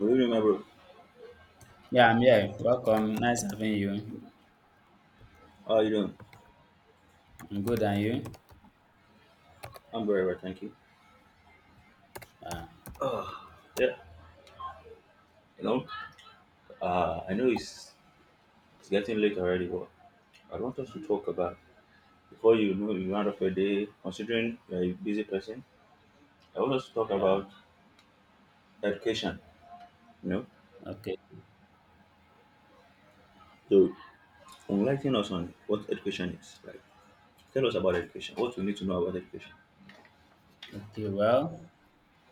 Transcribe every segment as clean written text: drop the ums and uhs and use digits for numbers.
Do you remember? Yeah, I'm here. Welcome. Nice having you. How are you doing? I'm good, and you? I'm very well, thank you. Yeah, you know, I know it's getting late already, but I want us to talk about before you run off your day. Considering you're a busy person, I want us to talk Yeah. about education. You know, Okay. so enlighten us on what education is. Like, tell us about education. What we need to know about education. Okay. Well,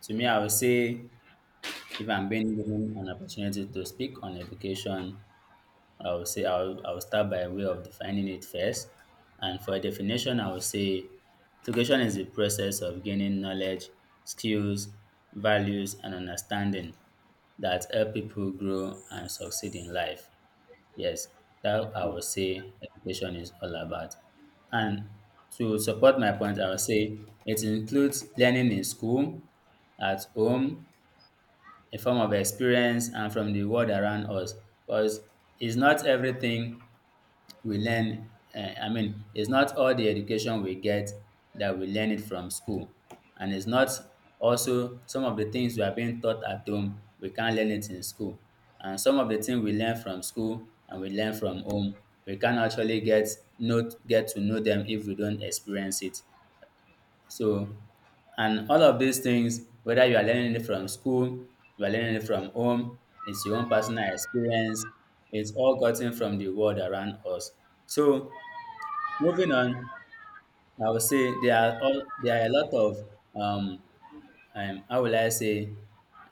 to me, I would say if I'm being given an opportunity to speak on education, I would say I'll start by way of defining it first. And for a definition, I would say education is the process of gaining knowledge, skills, values, and understanding that help people grow and succeed in life. Yes, that I would say education is all about. And to support my point, I would say it includes learning in school, at home, a form of experience, and from the world around us. Because it's not everything we learn. I mean, it's not all the education we get that we learn it from school. And it's not also some of the things we are being taught at home, we can't learn it in school. And some of the things we learn from school and we learn from home, we can actually get, not get to know them if we don't experience it. So, and all of these things, whether you are learning it from school, you are learning it from home, it's your own personal experience, it's all gotten from the world around us. So, moving on, I would say there are a lot of um, how will I say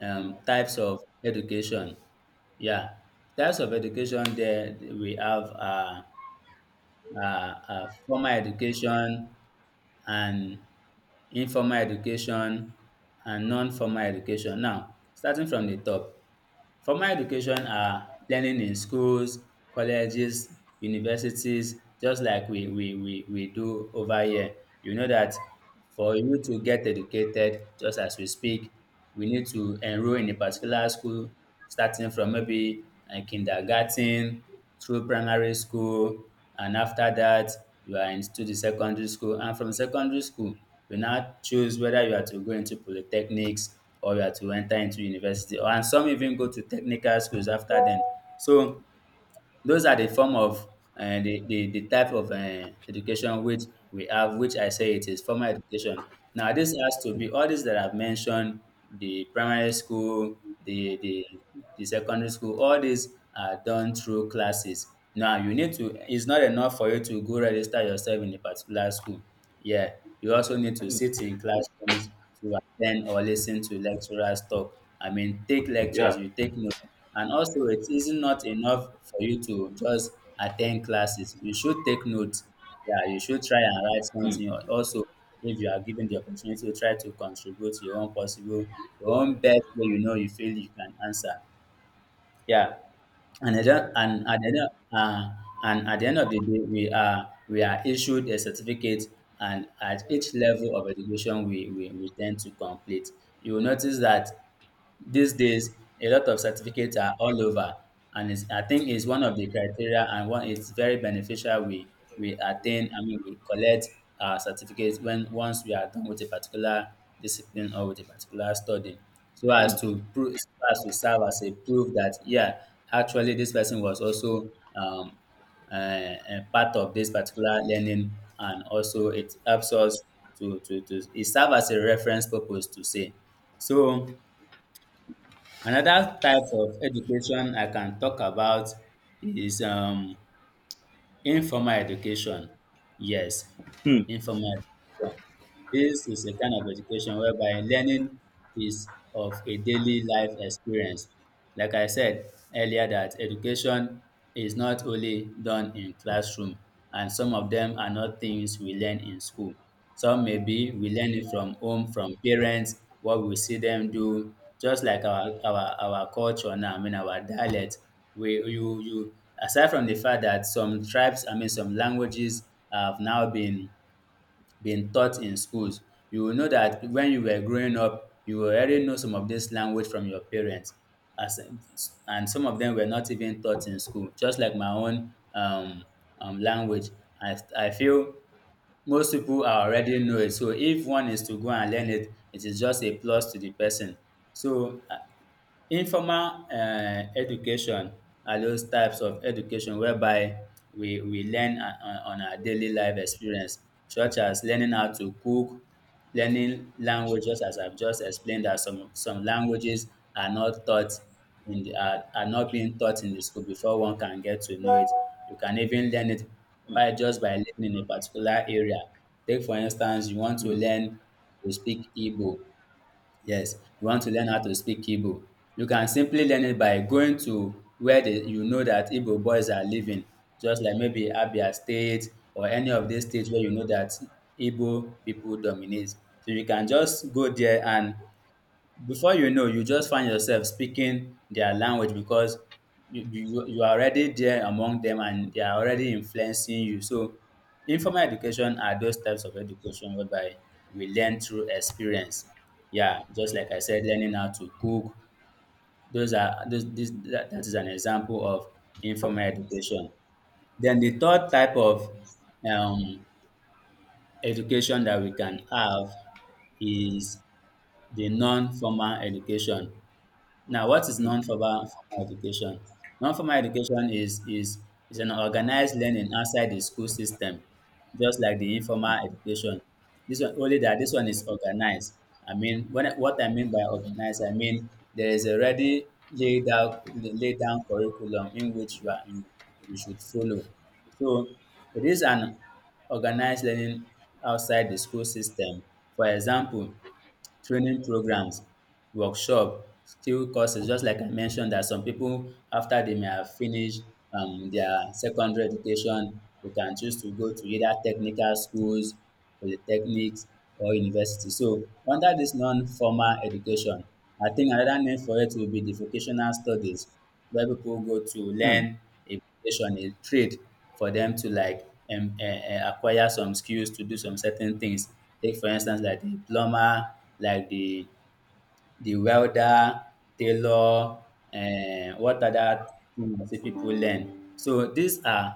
types of education. Yeah, types of education there we have formal education, and informal education and non formal education. Now starting from the top. Formal education are learning in schools, colleges, universities, just like we do over here. You know that for you to get educated, just as we speak, we need to enroll in a particular school, starting from maybe kindergarten through primary school, and after that, you are into the secondary school. And from secondary school, you now choose whether you are to go into polytechnics or you are to enter into university, or and some even go to technical schools after dem. So those are the form of the, the type of education which we have, which I say it is formal education. Now, this has to be all these that I've mentioned, the primary school, the secondary school, all these are done through classes. Now, it's not enough for you to go register yourself in a particular school. Yeah, you also need to sit in classrooms to attend or listen to lecturers talk. I mean, take Yeah. lectures, you take notes. And also it isn't enough for you to just attend classes. You should take notes. Yeah, you should try and write Hmm. something. Also, if you are given the opportunity to try to contribute your own possible, your own best way you know you feel you can answer. Yeah. And at the, end of- and at the end of the day, we are issued a certificate, and at each level of education, we tend to complete. You will notice that these days, a lot of certificates are all over, and I think it's one of the criteria and one it's very beneficial. We attain, I mean, we collect our certificates when once we are done with a particular discipline or with a particular study, so Hmm. as to prove, so as to serve as a proof that yeah, actually this person was also um, part of this particular learning, and also it helps us to it serve as a reference purpose to say so. Another type of education I can talk about is informal education. Yes, Hmm. informal education. This is a kind of education whereby learning is of a daily life experience. Like I said earlier, that education is not only done in classroom, and some of them are not things we learn in school. Some maybe we learn it from home, from parents, what we see them do, just like our culture now, I mean our dialect. We you you aside from the fact that some tribes, I mean some languages have now been taught in schools. You will know that when you were growing up, you already know some of this language from your parents. As, and some of them were not even taught in school, just like my own language. I feel most people are already know it. So if one is to go and learn it, it is just a plus to the person. So informal education are those types of education whereby we learn on our daily life experience such as learning how to cook, learning language just as I've just explained that some languages are not taught are not being taught in the school before one can get to know it. You can even learn it by living in a particular area. Take for instance you want to Hmm. learn to speak Igbo. Yes, you want to learn how to speak Igbo. You can simply learn it by going to you know that Igbo boys are living, just like maybe Abia State or any of these states where you know that Igbo people dominate. So you can just go there and before you know, you just find yourself speaking their language because you are already there among them and they are already influencing you. So, informal education are those types of education whereby we learn through experience. Yeah, just like I said, learning how to cook. Those are those, this, that, that is an example of informal education. Then the third type of um, education that we can have is the non-formal education. Now, what is Hmm. non-formal formal education? Non-formal education is an organized learning outside the school system, just like the informal education. This one only that this one is organized. I mean, what I mean by organized, I mean there is already laid down curriculum in which you are in, you should follow. So it is an organized learning outside the school system. For example, training programs, workshop, skill courses. Just like I mentioned, that some people after they may have finished their secondary education, they can choose to go to either technical schools, polytechnics, or university. So under this non-formal education, I think another name for it will be the vocational studies, where people go to Hmm. learn aviation, a trade for them to acquire some skills to do some certain things. Take for instance, like the plumber, like the welder, tailor, and what other things that people learn. So these are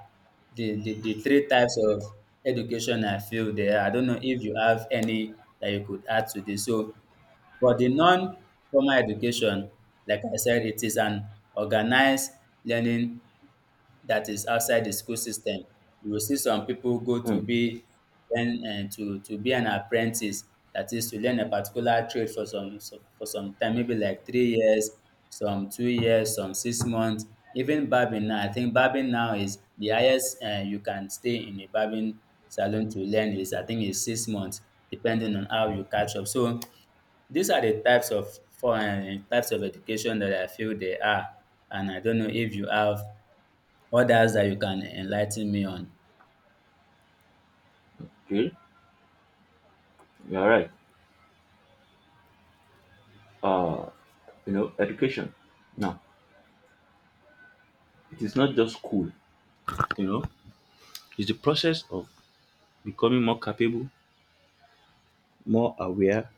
the three types of education I feel there. I don't know if you have any that you could add to this. So for the non-formal education, like I said, it is an organized learning that is outside the school system. You will see some people go Hmm. to be then to be an apprentice, that is to learn a particular trade for for some time, maybe like 3 years, some 2 years, some 6 months. Even barbing now, I think barbing now is the highest you can stay in a barbing salon to learn is I think is 6 months, depending on how you catch up. So these are the types of foreign types of education that I feel they are, and I don't know if you have others that you can enlighten me on. Okay. You're right. Uh, education. Now, it is not just school. You know, it's the process of becoming more capable, more aware,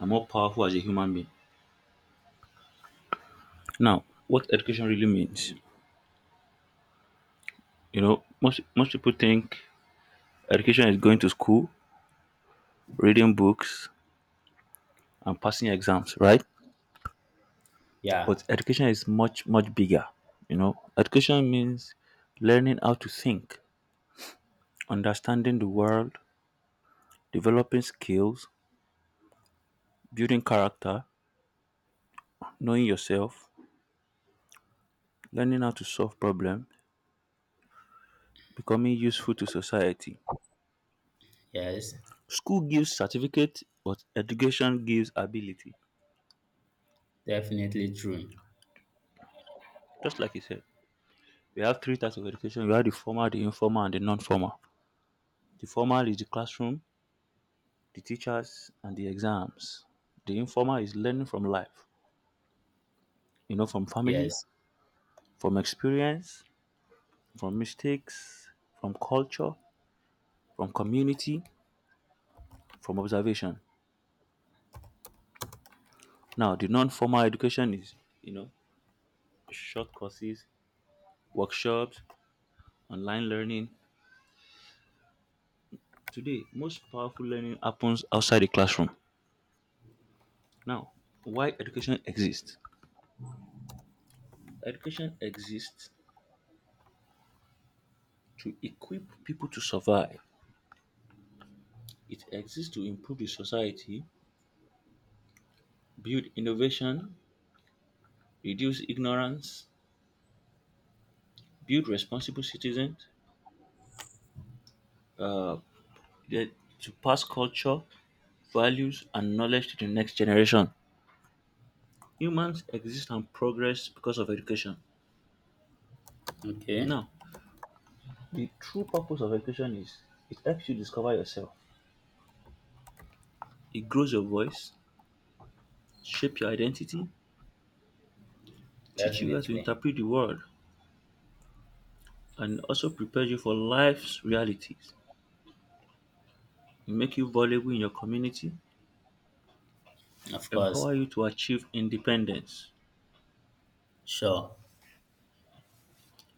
and more powerful as a human being. Now, what education really means, you know, most people think education is going to school, reading books, and passing exams, right? Yeah. But education is much bigger. You know, education means learning how to think, understanding the world, developing skills, building character, knowing yourself, learning how to solve problems, becoming useful to society. Yes. School gives certificate, but education gives ability. Definitely true. Just like you said, we have three types of education. We have the formal, the informal, and the non-formal. The formal is the classroom, the teachers, and the exams. The informal is learning from life, you know, from family, Yes. from experience, from mistakes, from culture, from community, from observation. Now, the non-formal education is, you know, short courses, workshops, online learning. Today, most powerful learning happens outside the classroom. Now, why education exists? Education exists to equip people to survive. It exists to improve the society, build innovation, reduce ignorance, build responsible citizens, uh, the- to pass culture, values, and knowledge to the next generation. Humans exist and progress because of education. Okay. Now, the true purpose of education is it helps you discover yourself. It grows your voice, shape your identity, teach you how to Definitely. interpret the world, and also prepare you for life's realities. It make you valuable in your community, Of course. empower you to achieve independence. Sure.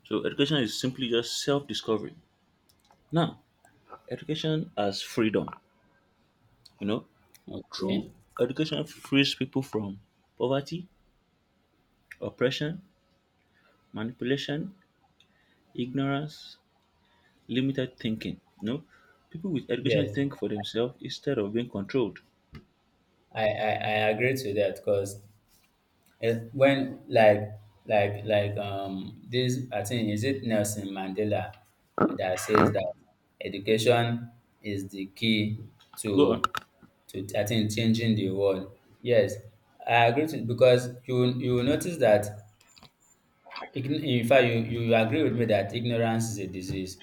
So education is simply just self-discovery. Now, education as freedom. You know, true Okay. education frees people from poverty, oppression, manipulation, ignorance, limited thinking. You know, people with education Yes. think for themselves instead of being controlled. I agree to that because when like this I think is it Nelson Mandela that says that education is the key Go on. to to I think changing the world. Yes, I agree to because you will notice that In fact, you agree with me that ignorance is a disease.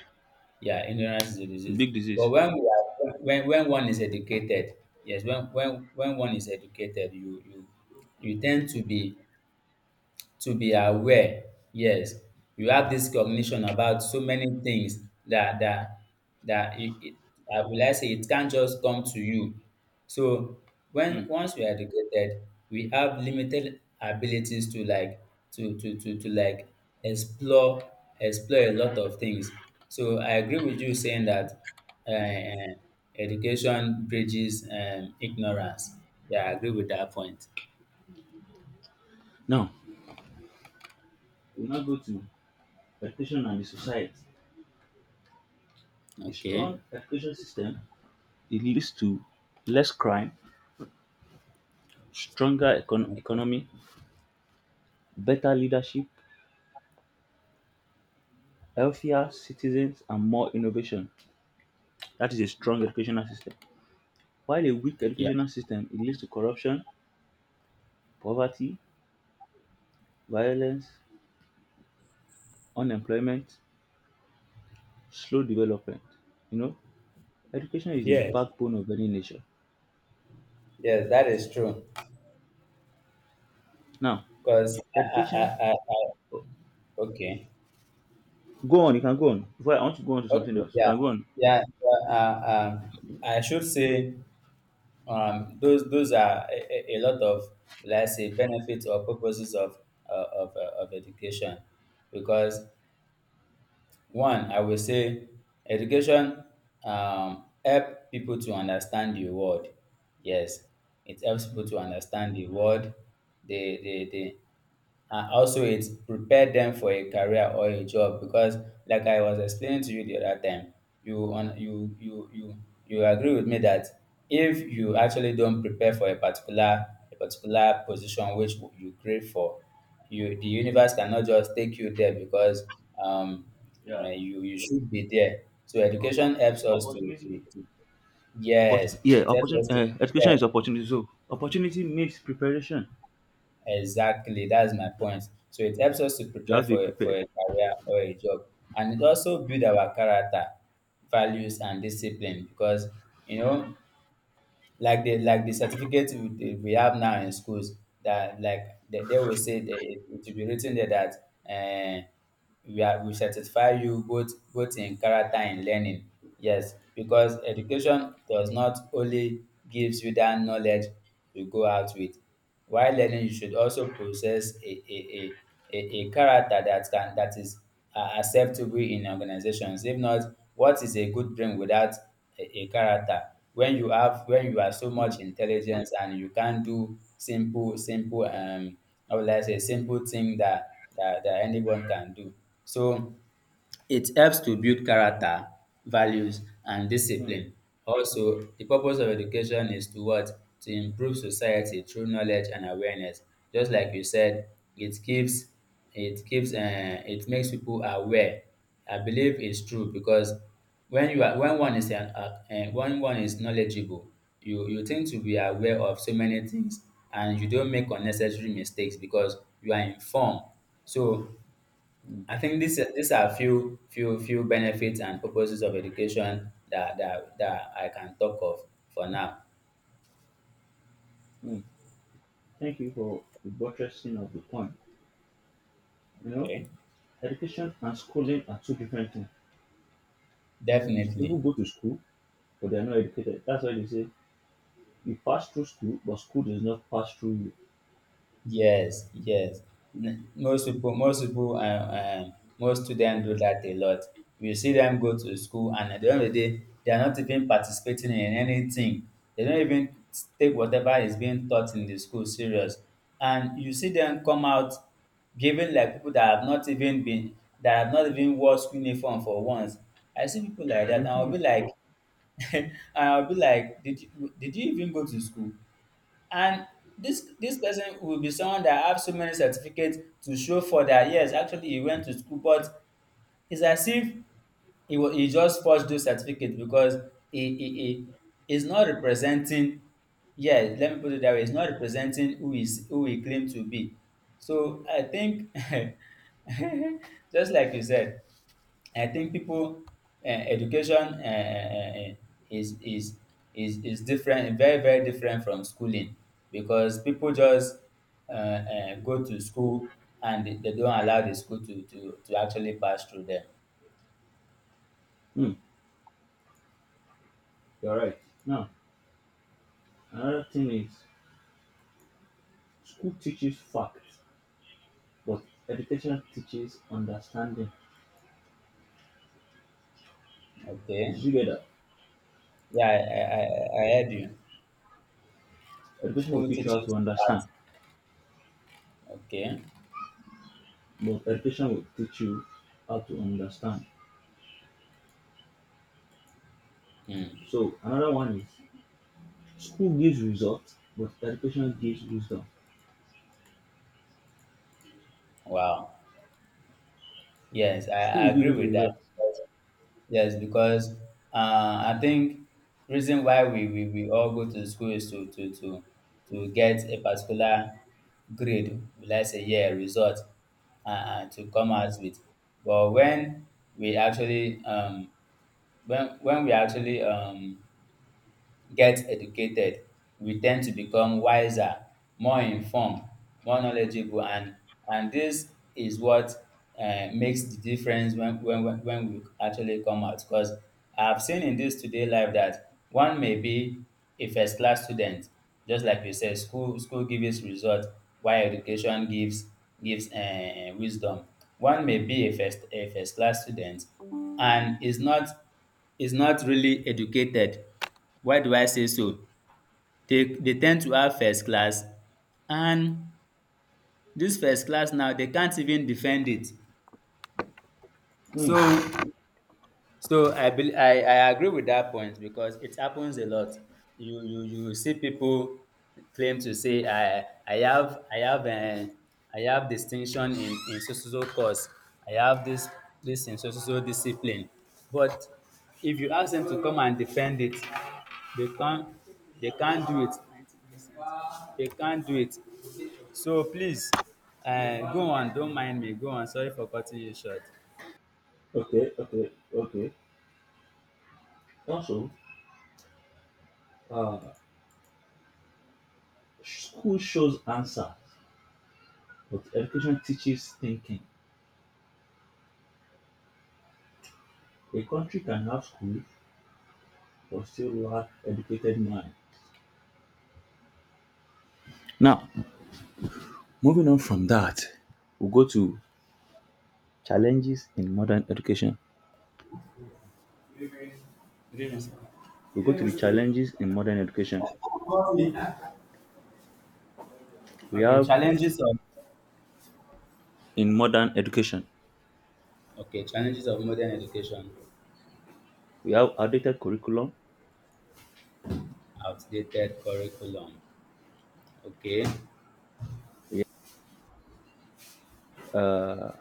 Yeah, ignorance is a The disease. big But disease. When one is educated, yes, when one is educated, you tend to be aware. Yes, you have this cognition about so many things that that that it, it I will I say it can't just come to you. So Hmm. when once we are educated, we have limited abilities to like explore explore a lot of things. So I agree with you saying that uh, education bridges ignorance. Yeah, I agree with that point. Now, we now go to education and the society. A strong Okay. education system it leads to less crime, economy, better leadership, healthier citizens, and more innovation. That is a strong educational system. While a weak Yeah. educational system it leads to corruption, poverty, violence, unemployment, slow development. You know, education is the Yes. backbone of any nation. Yes, that is true. Now, Because I, I, I, education. I, I- okay, Go on, you can go on. Before I want to go on to something okay, else, you yeah, can go on. yeah. I should say those are a lot of let's say benefits or purposes of of education. Because one, I will say education help people to understand the world. Yes, it helps people to understand the world. They and also it prepare them for a career or a job because, like I was explaining to you the other time, you you agree with me that if you actually don't prepare for a particular position which you crave for, you the universe cannot just take you there because um you you should be there. So O- education helps us to, to, opportunity to yes, it helps opportunity, us to education is prepare. opportunity, so opportunity needs preparation. Exactly, that's my point. So it helps us to You prepare have to be for for prepared. a career or a job, and it also build our character, values, and discipline. Because, you know, like the certificate we have now in schools that, like, they will say that it will be written there that uh, we certify you both in character and learning. Yes, because education does not only gives you that knowledge to go out with. While learning, you should also possess a character that can, that is acceptable in organizations. If not, what is a good brain without a character? When you have so Mm. much intelligence and you can do simple simple or let's say simple thing that that anyone can do. So it helps to build character, values, and Mm. discipline. Also, the purpose of education is to what? To improve society through knowledge and awareness. Just like you said, it keeps it keeps, it makes people aware. I believe it's true because when you are when one is knowledgeable, you tend to be aware of so many things, and you don't make unnecessary mistakes because you are informed. So Mm. I think this these are few benefits and purposes of education that I can talk of for now. Mm. Thank you for the buttressing of the point. You know, Okay, education and schooling are two different things. So people definitely. go to school but they are not educated. That's why they say you pass through school but school does not pass through you. Yes, yes. Most people, most students do that a lot. You see them go to school, and at the end of the day, they are not even participating in anything. They don't even take whatever is being taught in the school serious. And you see them come out giving like people that have not even been, that have not even wore school uniform for once. I see people like that, and I'll Mm-hmm. be like, and I'll be like, did you, even go to school? And this person will be someone that have so many certificates to show for, that yes, actually he went to school, but it's as if he just forged those certificates because he is not representing. Yeah, let me put it that way. He's not representing who he claimed to be. So I think, just like you said. I think people, education is is is different, very different from schooling because people just go to school and they don't allow the school to actually pass through them. Mm, you're right. Now another thing is school teaches facts but education teaches understanding. Okay, Did you get that? yeah, I heard you. Education will School teach you how teaches to that. understand, Okay, but education will teach you how to understand. hmm. So another one is school gives results, but education gives wisdom. Wow. Yes, School I will give agree you the with that. result. Because— yes, because I think reason why we all go to school is to get a particular grade, let's say, yeah, result to come out with. But we actually um, when we actually get educated, we tend to become wiser, more informed, more knowledgeable, and this is what makes the difference when we actually come out. Because I've seen in this today life that one may be a first class student, just like you said, school gives result, while education gives wisdom. One may be a first class student, and is not really educated. Why do I say so? They tend to have first class, and this first class now they can't even defend it. Hmm. So I agree with that point because it happens a lot. You you see people claim to say I have I have distinction in so so so course. I have this in so so so discipline. But if you ask them to come and defend it, they can't, do it. They can't do it. So please, go on. Don't mind me. Go on. Sorry for cutting you short. Okay, okay, okay. Also, uh, school shows answers, but education teaches thinking. A country can have school but still lack educated mind. Now, moving on from that, we'll go to challenges in modern education. Good evening, sir. We'll go to the challenges in modern education. We Okay, have challenges of— in modern education, okay, challenges of modern education, we have outdated curriculum, outdated curriculum. Okay, we have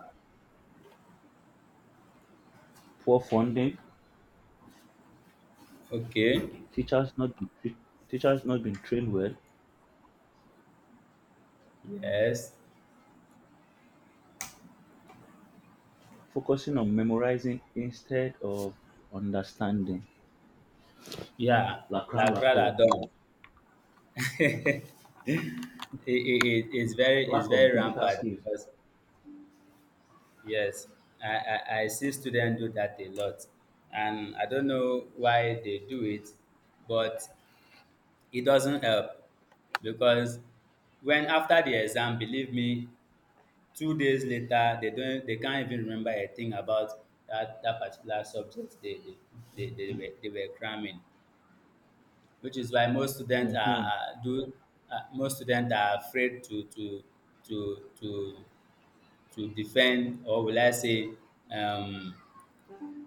poor funding, okay, teachers not been tre- teachers not being trained well, yes, focusing on memorizing instead of understanding. yeah. La cram la pour. Lacrada done. It's very Lack of digital rampant skills. because yes, I see students do that a lot, and I don't know why they do it, but it doesn't help because when after the exam, believe me, 2 days later they don't, they can't even remember a thing about that particular subject they were cramming, which is why most students Hmm. are do most students are afraid to to to defend, or will I say, um,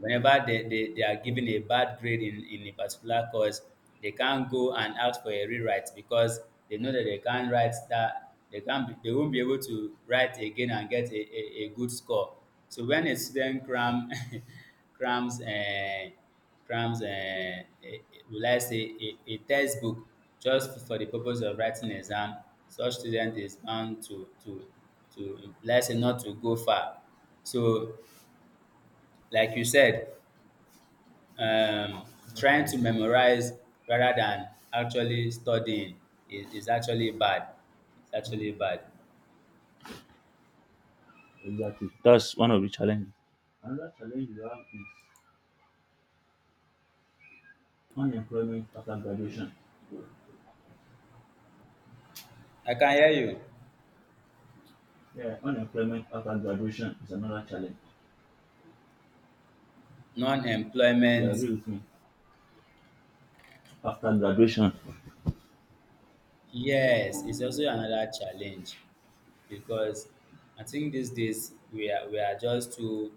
whenever they are given a bad grade in a particular course, they can't go and ask for a rewrite because they know that they can't be, they won't be able to write again and get a good score. So when a student cram— crams crams uh, a, a- will I say, a textbook just for the purpose of writing exam, such student is bound to let's say not to go far. So, like you said, um, trying to memorize rather than actually studying is actually bad. It's actually bad. Exactly. That's one of the challenges. Another challenge we have is unemployment after graduation. I can hear you. Yeah, unemployment after graduation is another challenge. You Non-employment, agree with me? After graduation. yes, it's also another challenge because I think these days we are just too—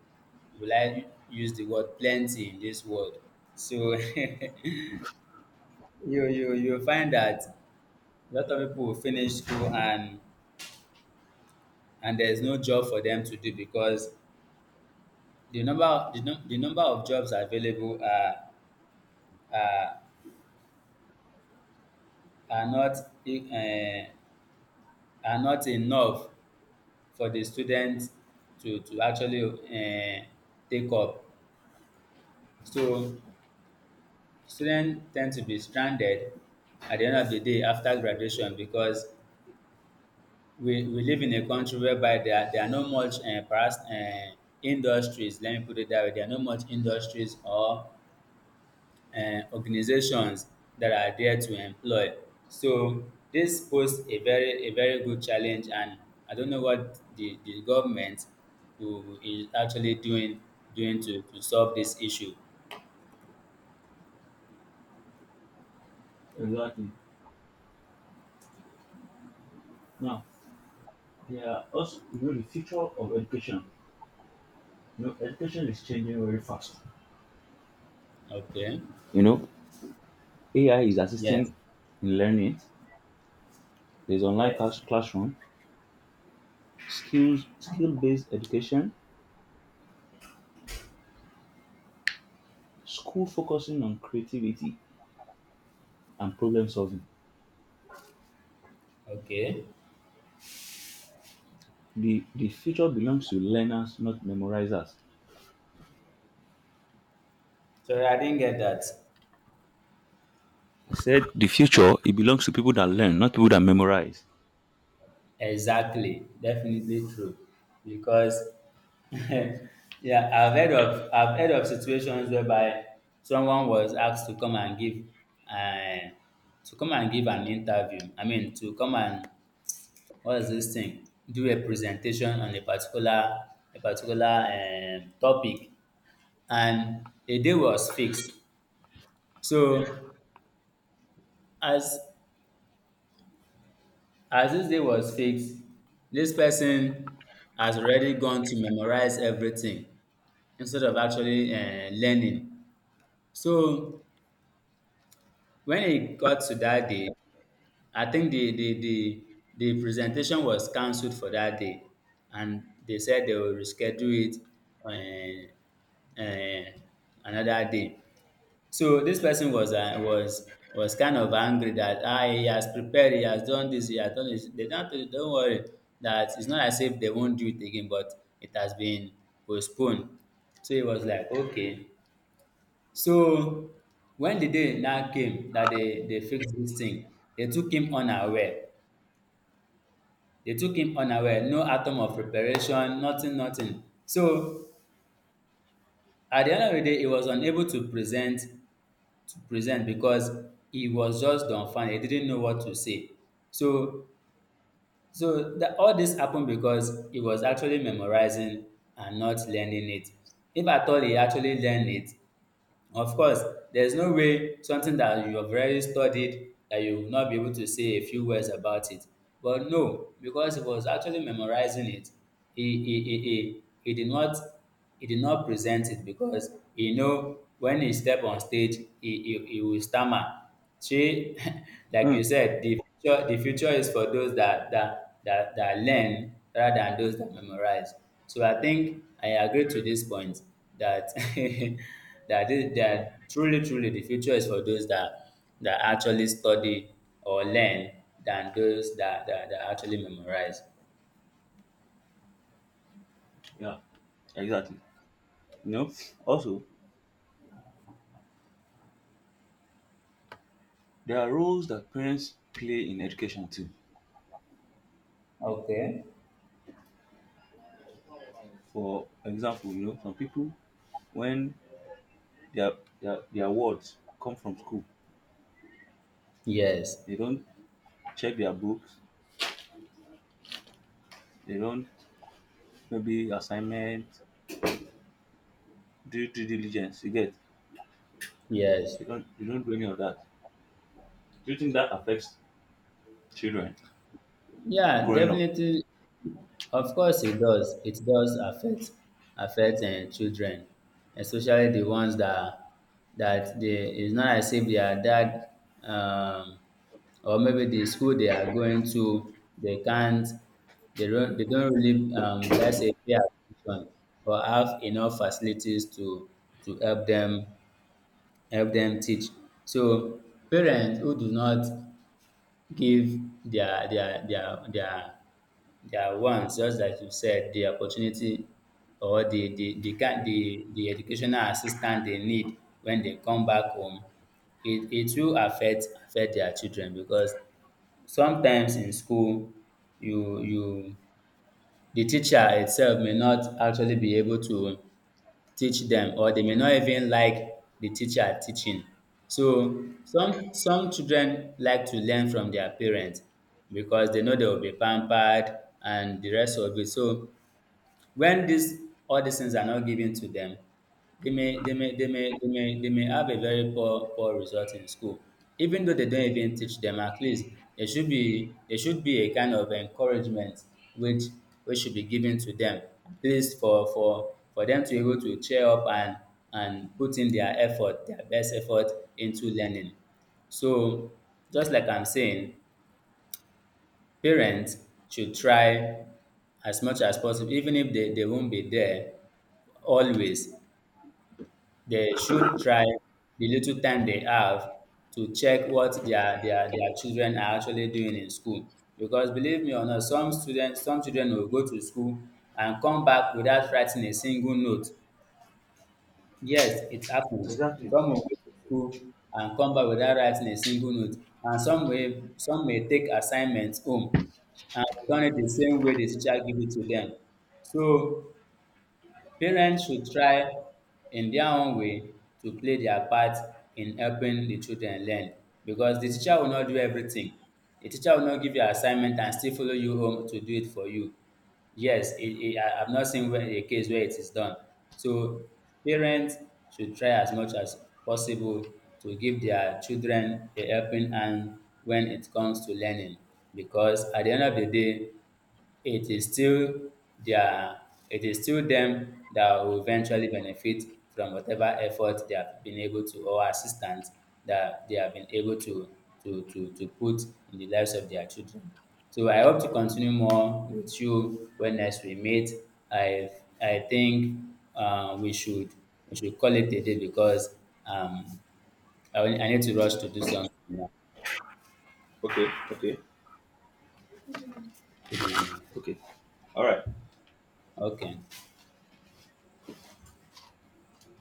will I use the word plenty in this world? So you you find that a lot of people will finish school and there's no job for them to do because the number, the number of jobs available are, are, not, eh, are not enough for the students to actually, eh, take up. So students tend to be stranded at the end of the day after graduation because we live in a country whereby there are no much industries, let me put it that way. There are no much industries or organizations that are there to employ. So this poses a very good challenge, and I don't know what the government who is actually doing, doing to solve this issue. Exactly. Now, there are also, you know, the future of education. You know, education is changing very fast. Okay. You know, AI is Yes. assisting in learning. There's online class Yes. classroom, skill-based education, school focusing on creativity and problem solving. Okay. The future belongs to learners, not memorizers. Sorry, I didn't get that. I said the future it belongs to people that learn, not people that memorize. Exactly, definitely true because yeah, I've heard of situations whereby someone was asked to come and give uh, to come and give an interview. I mean, to come and— what is this thing? Do a presentation on a particular topic, and a day was fixed. So as— as this day was fixed, this person has already gone to memorize everything instead of actually, um, learning. So when it got to that day, I think the presentation was cancelled for that day, and they said they will reschedule it another day. So this person was was kind of angry that, ah, he has prepared, he has done this, he has done this. They don't tell you, don't worry, that it's not as if they won't do it again, but it has been postponed. So he was like, okay. So wen di day now came dat dey dey fix dis tin, dey took him unaware, dey took him unaware, no atom of preparation, nothing nothing. So at di end of di day he was unable to present, because he was just dumbfounded, he didn't know what to say. So dat all dis happen because he was actually memorizing and not learning it. If at all he actually learn it— of course, there's no way something that you have already studied that you will not be able to say a few words about it. But no, because he was actually memorizing it, he did not present it because he know when he step on stage he will stammer. See, like Hmm. you said, the future, is for those that that learn rather than those that memorize. So I think I agree to this point that that is, that truly, truly, the future is for those that actually study or learn than those that that actually memorize. Yeah. Exactly. You know, also there are roles that parents play in education too. Okay. For example, you know, some people when their their words come from school, Yes. they don't check their books, they don't maybe assignment, do due diligence, you get. Yes. They don't do any of that. Do you think that affects children Yeah, growing up? definitely. Of course it does. It does affect, um, children, especially the ones that they— it's not as if their dad, um or maybe the school they are going to, they can't, they don't really, um, will I say, pay attention or have enough facilities to help them, teach. So parents who do not give their their their their their wants, just like you said, the opportunity or the educational assistance they need when they come back home, it will affect, their children because sometimes in school you, di teacher itself, may not actually be able to teach dem, or they may not even like the teacher teaching. So some children like to learn from their parents because they know they will be pampered, and the rest of it. So when these all these things are not given to them, they may, they may have a very poor result in school. Even though they don't even teach them, at least there should be, a kind of encouragement which should be given to them, at least for them to be able to cheer up and put in their effort, their best effort, into learning. So, just like I'm saying, parents should try as much as possible. Even if they, they won't be there always, they should try the little time they have to check what their children are actually doing in school. Because, believe me or not, some students, some children will go to school and come back without writing a single note. Yes, it happens. Exactly. Some will go to school and come back without writing a single note, and some may, take assignments home and return it the same way the teacher give it to them. So parents should try in their own way to play their part in helping the children learn, because the teacher will not do everything. The teacher will not give you assignment and still follow you home to do it for you. Yes, it, I've not seen where, a case where it is done. So parents should try as much as possible to give their children a helping hand when it comes to learning, because at the end of the day, it is still their it is still them that will eventually benefit from whatever effort they have been able to, or assistance that they have been able to to put in the lives of their children. So I hope to continue more with you when next we meet. I I think we should, call it a day because, um I need to rush to do something now. Okay, okay, okay. All right. Okay.